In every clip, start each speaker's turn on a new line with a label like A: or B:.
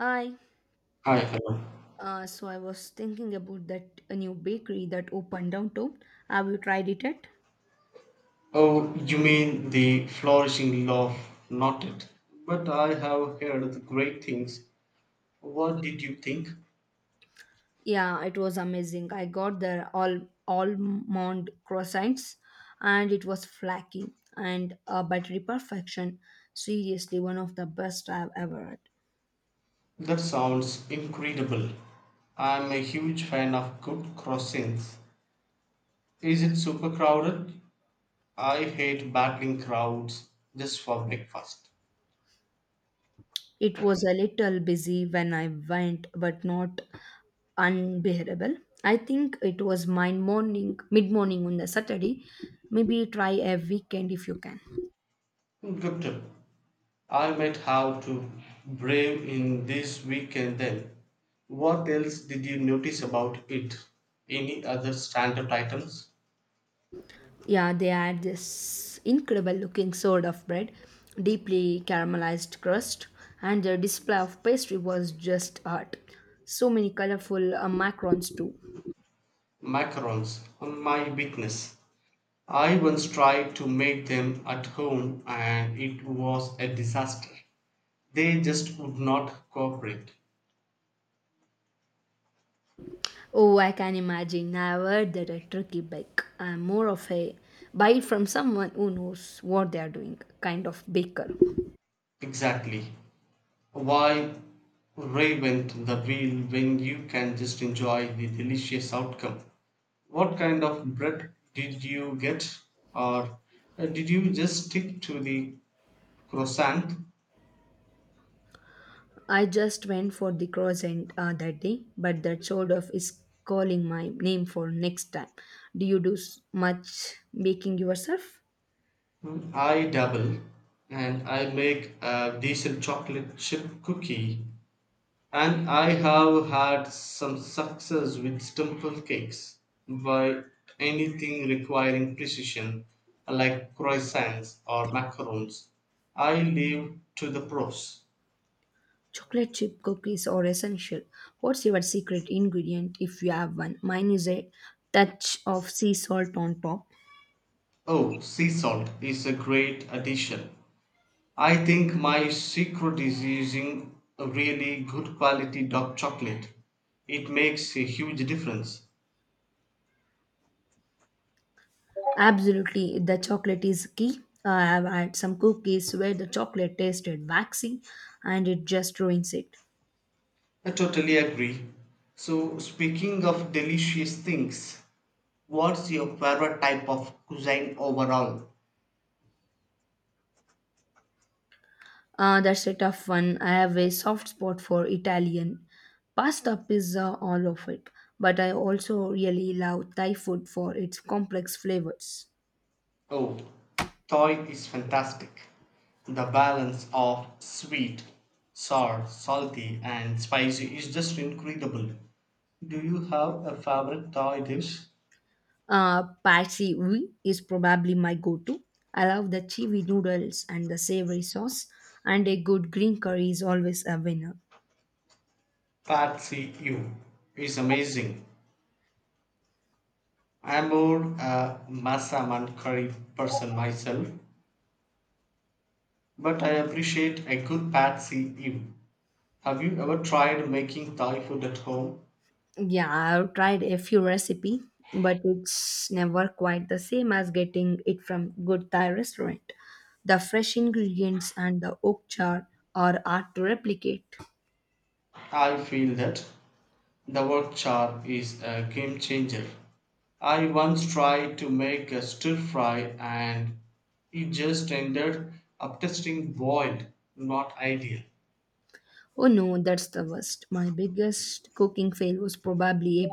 A: I
B: Hi, hello.
A: so I was thinking about that a new bakery that opened downtown. Have you tried it yet?
B: Oh, you mean the Flourishing Love, not it. But I have heard the great things. What did you think?
A: Yeah, it was amazing. I got their all almond croissants, and it was flaky and buttery perfection. Seriously, one of the best I've ever had.
B: That sounds incredible. I'm a huge fan of good crossings. Is it super crowded? I hate battling crowds just for breakfast.
A: It was a little busy when I went, but not unbearable. I think it was my morning, mid morning on the Saturday. Maybe try a weekend if you can.
B: Good tip. I might have to brave in this weekend then. What else did you notice about it? Any other standard items?
A: Yeah, they add this incredible looking sort of bread, deeply caramelized crust, and the display of pastry was just art. So many colorful macarons too.
B: Macarons. My witness! I once tried to make them at home and it was a disaster. They just would not cooperate.
A: Oh, I can imagine. I've heard that at Turkey Bake, I'm more of a buy it from someone who knows what they are doing kind of baker.
B: Exactly. Why reinvent the wheel when you can just enjoy the delicious outcome? What kind of bread did you get, or did you just stick to the croissant?
A: I just went for the croissant that day, but that sort of is calling my name for next time. Do you do much baking yourself?
B: I dabble and I make a decent chocolate chip cookie and I have had some success with simple cakes, but anything requiring precision like croissants or macarons I leave to the pros.
A: Chocolate chip cookies are essential. What's your secret ingredient if you have one? Mine is a touch of sea salt on top.
B: Oh, sea salt is a great addition. I think my secret is using a really good quality dark chocolate. It makes a huge difference.
A: Absolutely, the chocolate is key. I have had some cookies where the chocolate tasted waxy and it just ruins it.
B: I totally agree. So, speaking of delicious things, what's your favorite type of cuisine overall?
A: That's a tough one. I have a soft spot for Italian pasta, pizza, all of it. But I also really love Thai food for its complex flavors.
B: Oh, Thai is fantastic. The balance of sweet, sour, salty, and spicy is just incredible. Do you have a favorite Thai dish?
A: Patsy Ui is probably my go to. I love the chewy noodles and the savory sauce, and a good green curry is always a winner.
B: Pad See Ew is amazing. I'm more a massaman curry person myself, but I appreciate a good Pad See Ew. Have you ever tried making Thai food at home?
A: Yeah, I've tried a few recipe, but it's never quite the same as getting it from good Thai restaurant. The fresh ingredients and the oak char are hard to replicate.
B: I feel that the wok char is a game changer. I once tried to make a stir fry and it just ended up tasting boiled, not ideal.
A: Oh no, that's the worst. My biggest cooking fail was probably a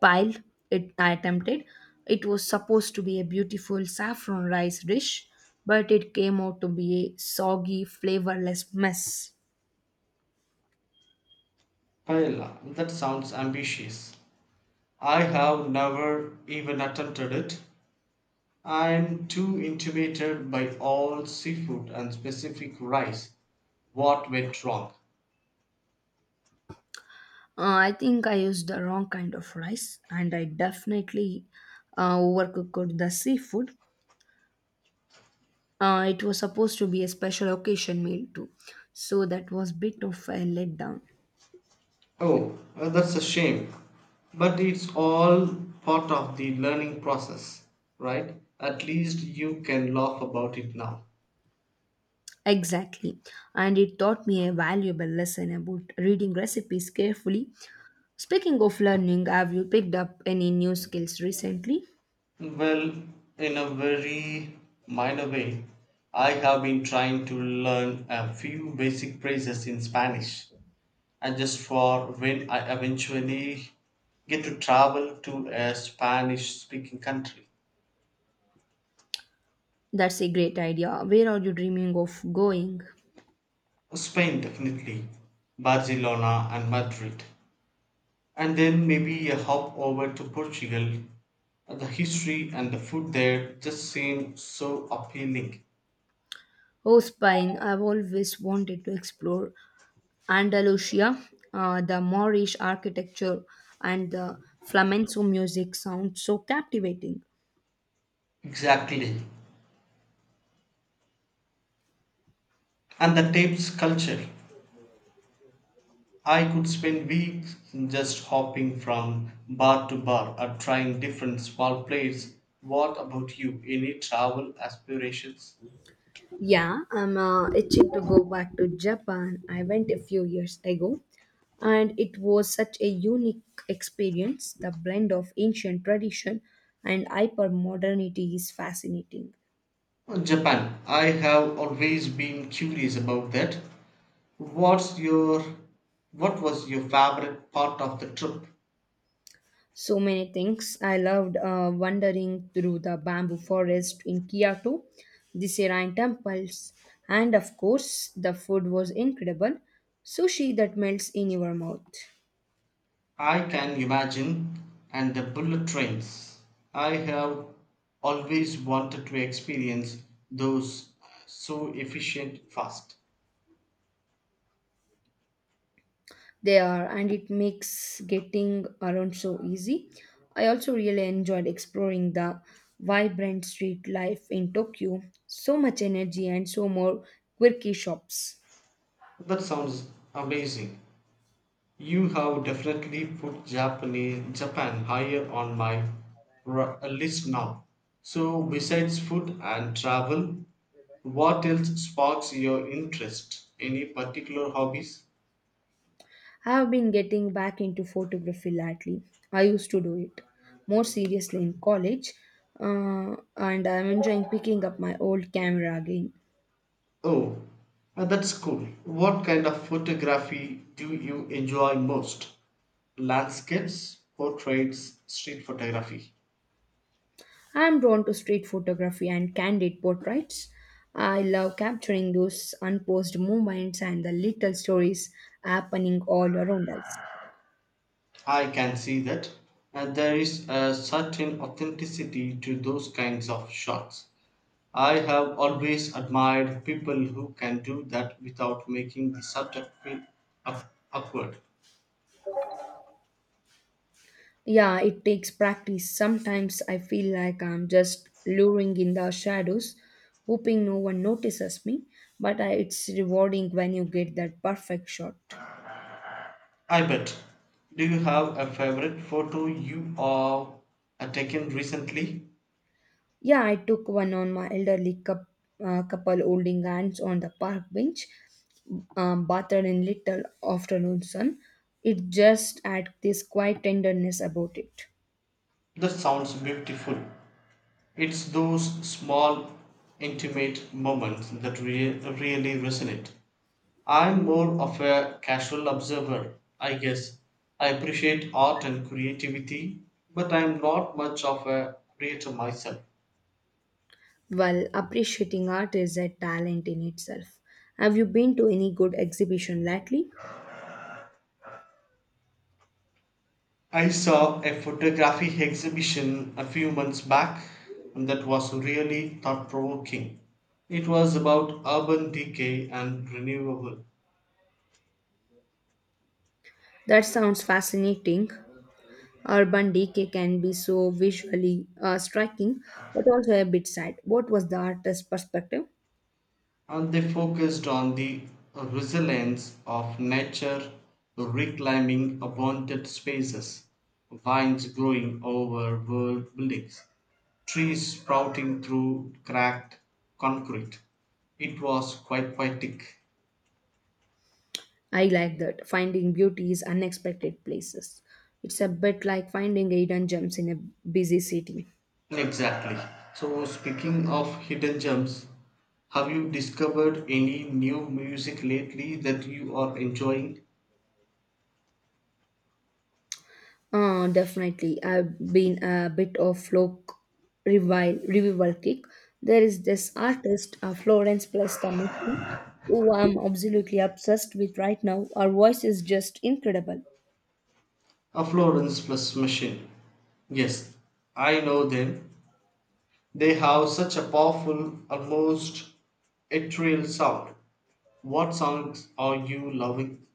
A: pile it I attempted. It was supposed to be a beautiful saffron rice dish, but it came out to be a soggy, flavorless mess.
B: Paella, that sounds ambitious. I have never even attempted it. I'm too intimidated by all seafood and specific rice. What went wrong?
A: I think I used the wrong kind of rice, and I definitely overcooked the seafood. It was supposed to be a special occasion meal too, so that was bit of a letdown.
B: Oh, that's a shame. But it's all part of the learning process, right? At least you can laugh about it now.
A: Exactly. And it taught me a valuable lesson about reading recipes carefully. Speaking of learning, have you picked up any new skills recently?
B: Well, in a very minor way, I have been trying to learn a few basic phrases in Spanish, and just for when I eventually get to travel to a Spanish speaking country.
A: That's a great idea. Where are you dreaming of going?
B: Spain, definitely, Barcelona, and Madrid, and then maybe a hop over to Portugal. The history and the food there just seem so appealing.
A: Oh, Spain. I've always wanted to explore Andalusia, the Moorish architecture, and the flamenco music sound so captivating.
B: Exactly. And the tapes culture. I could spend weeks just hopping from bar to bar or trying different small plates. What about you? Any travel aspirations?
A: Yeah, I'm itching to go back to Japan. I went a few years ago and it was such a unique experience. The blend of ancient tradition and hyper modernity is fascinating.
B: Japan. I have always been curious about that. What's your what was your favorite part of the trip?
A: So many things. I loved wandering through the bamboo forest in Kyoto, the serene temples, and of course, the food was incredible. Sushi that melts in your mouth.
B: I can imagine. And the bullet trains. I have always wanted to experience those so efficient fast.
A: They are, and it makes getting around so easy. I also really enjoyed exploring the vibrant street life in Tokyo. So much energy and so more quirky shops.
B: That sounds amazing. You have definitely put Japan higher on my list now. So, besides food and travel, what else sparks your interest? Any particular hobbies?
A: I have been getting back into photography lately. I used to do it more seriously in college, and I'm enjoying picking up my old camera again.
B: Oh, that's cool. What kind of photography do you enjoy most? Landscapes, portraits, street photography.
A: I'm drawn to street photography and candid portraits. I love capturing those unposed moments and the little stories happening all around us.
B: I can see that. And there is a certain authenticity to those kinds of shots. I have always admired people who can do that without making the subject feel awkward.
A: Yeah, it takes practice. Sometimes I feel like I'm just luring in the shadows, hoping no one notices me, but it's rewarding when you get that perfect shot.
B: I bet. Do you have a favorite photo you are taken recently?
A: Yeah, I took one on my elderly coup couple holding hands on the park bench, bathed in little afternoon sun. It just had this quiet tenderness about it.
B: That sounds beautiful. It's those small, intimate moments that really resonate. I'm more of a casual observer, I guess. I appreciate art and creativity, but I'm not much of a creator myself.
A: Well, appreciating art is a talent in itself. Have you been to any good exhibition lately?
B: I saw a photography exhibition a few months back that was really thought provoking. It was about urban decay and renewable,
A: That sounds fascinating. Urban decay can be so visually striking, but also a bit sad. What was the artist's perspective?
B: and they focused on the resilience of nature, reclaiming abandoned spaces, vines growing over world buildings, trees sprouting through cracked concrete. It was quite poetic.
A: I like that. Finding beauty is unexpected places. It's a bit like finding hidden gems in a busy city.
B: Exactly. So, speaking of hidden gems, have you discovered any new music lately that you are enjoying?
A: Definitely. I've been a bit of folk revival kick. There is this artist, Florence Plestamisi, who I'm absolutely obsessed with right now. Her voice is just incredible.
B: A Florence plus machine. Yes, I know them. They have such a powerful, almost ethereal sound. What songs are you loving?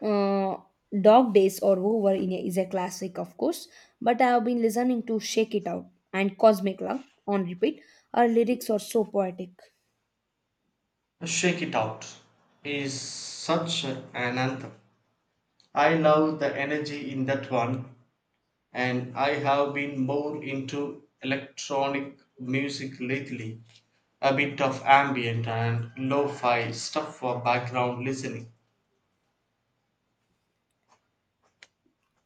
A: Uh, Dog Days or Over in a, is a classic, of course, but I have been listening to Shake It Out and Cosmic Love on repeat. Her lyrics are so poetic.
B: Shake It Out is such an anthem. I love the energy in that one, and I have been more into electronic music lately. A bit of ambient and lo fi stuff for background listening.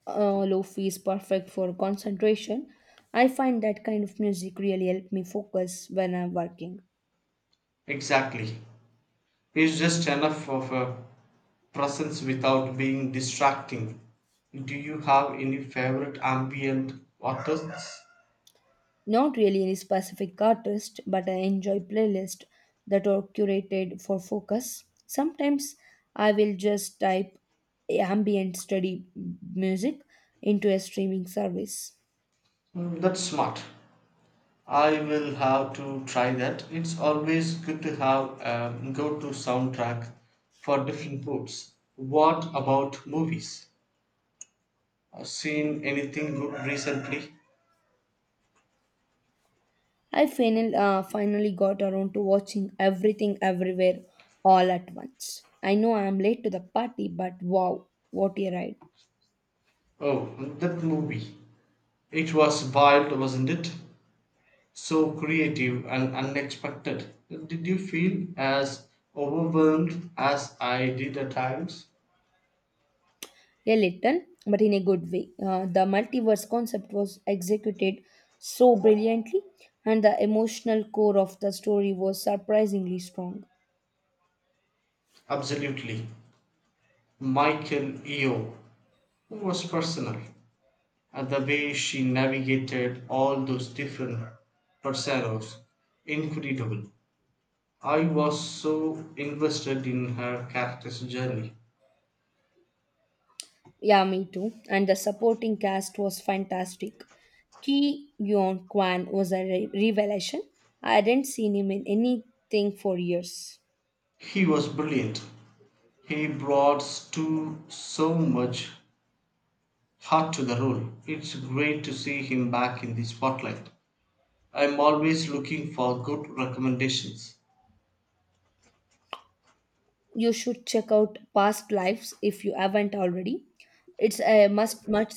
A: Lofi is perfect for concentration. I find that kind of music really help me focus when I'm working.
B: Exactly. He's just enough of a presence without being distracting. Do you have any favorite ambient artists?
A: Not really any specific artist, but I enjoy playlists that are curated for focus. Sometimes I will just type ambient study music into a streaming service.
B: Mm, that's smart. I will have to try that. It's always good to have a go to soundtrack for different moods. What about movies? Seen anything good recently?
A: I finally got around to watching everything everywhere all at once. I know I am late to the party, but wow, what a ride!
B: Oh, that movie. It was wild, wasn't it? So creative and unexpected. Did you feel as overwhelmed as I did at times?
A: A little, but in a good way. The multiverse concept was executed so brilliantly, and the emotional core of the story was surprisingly strong.
B: Absolutely. Michael Eo was personal, and the way she navigated all those different personas, incredible. I was so invested in her character's journey.
A: Yeah, me too. And the supporting cast was fantastic. Ki Yeon Kwan was a revelation. I hadn't seen him in anything for years.
B: He was brilliant. He brought to so much heart to the role. It's great to see him back in the spotlight. I'm always looking for good recommendations.
A: You should check out past lives if you haven't already. It's a must much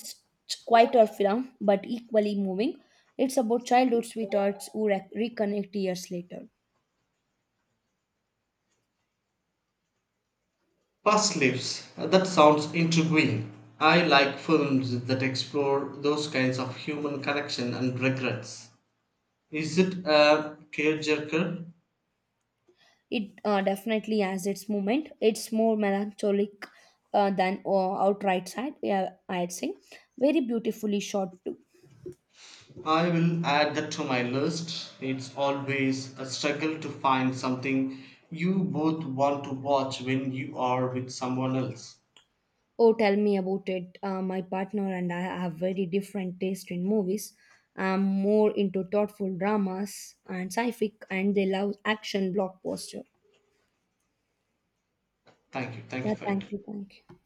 A: quieter film but equally moving. It's about childhood sweethearts who reconnect years later.
B: Past Lives. That sounds intriguing. I like films that explore those kinds of human connection and regrets. Is it a tearjerker?
A: It definitely has its moment. It's more melancholic than outright sad. Yeah, I'd say very beautifully shot too.
B: I will add that to my list. It's always a struggle to find something you both want to watch when you are with someone else.
A: Oh, tell me about it. My partner and I have very different taste in movies. I'm more into thoughtful dramas and sci-fi, and they love action blockbuster.
B: Thank you. Thank you
A: Yeah,
B: for it.
A: thank you, thank you.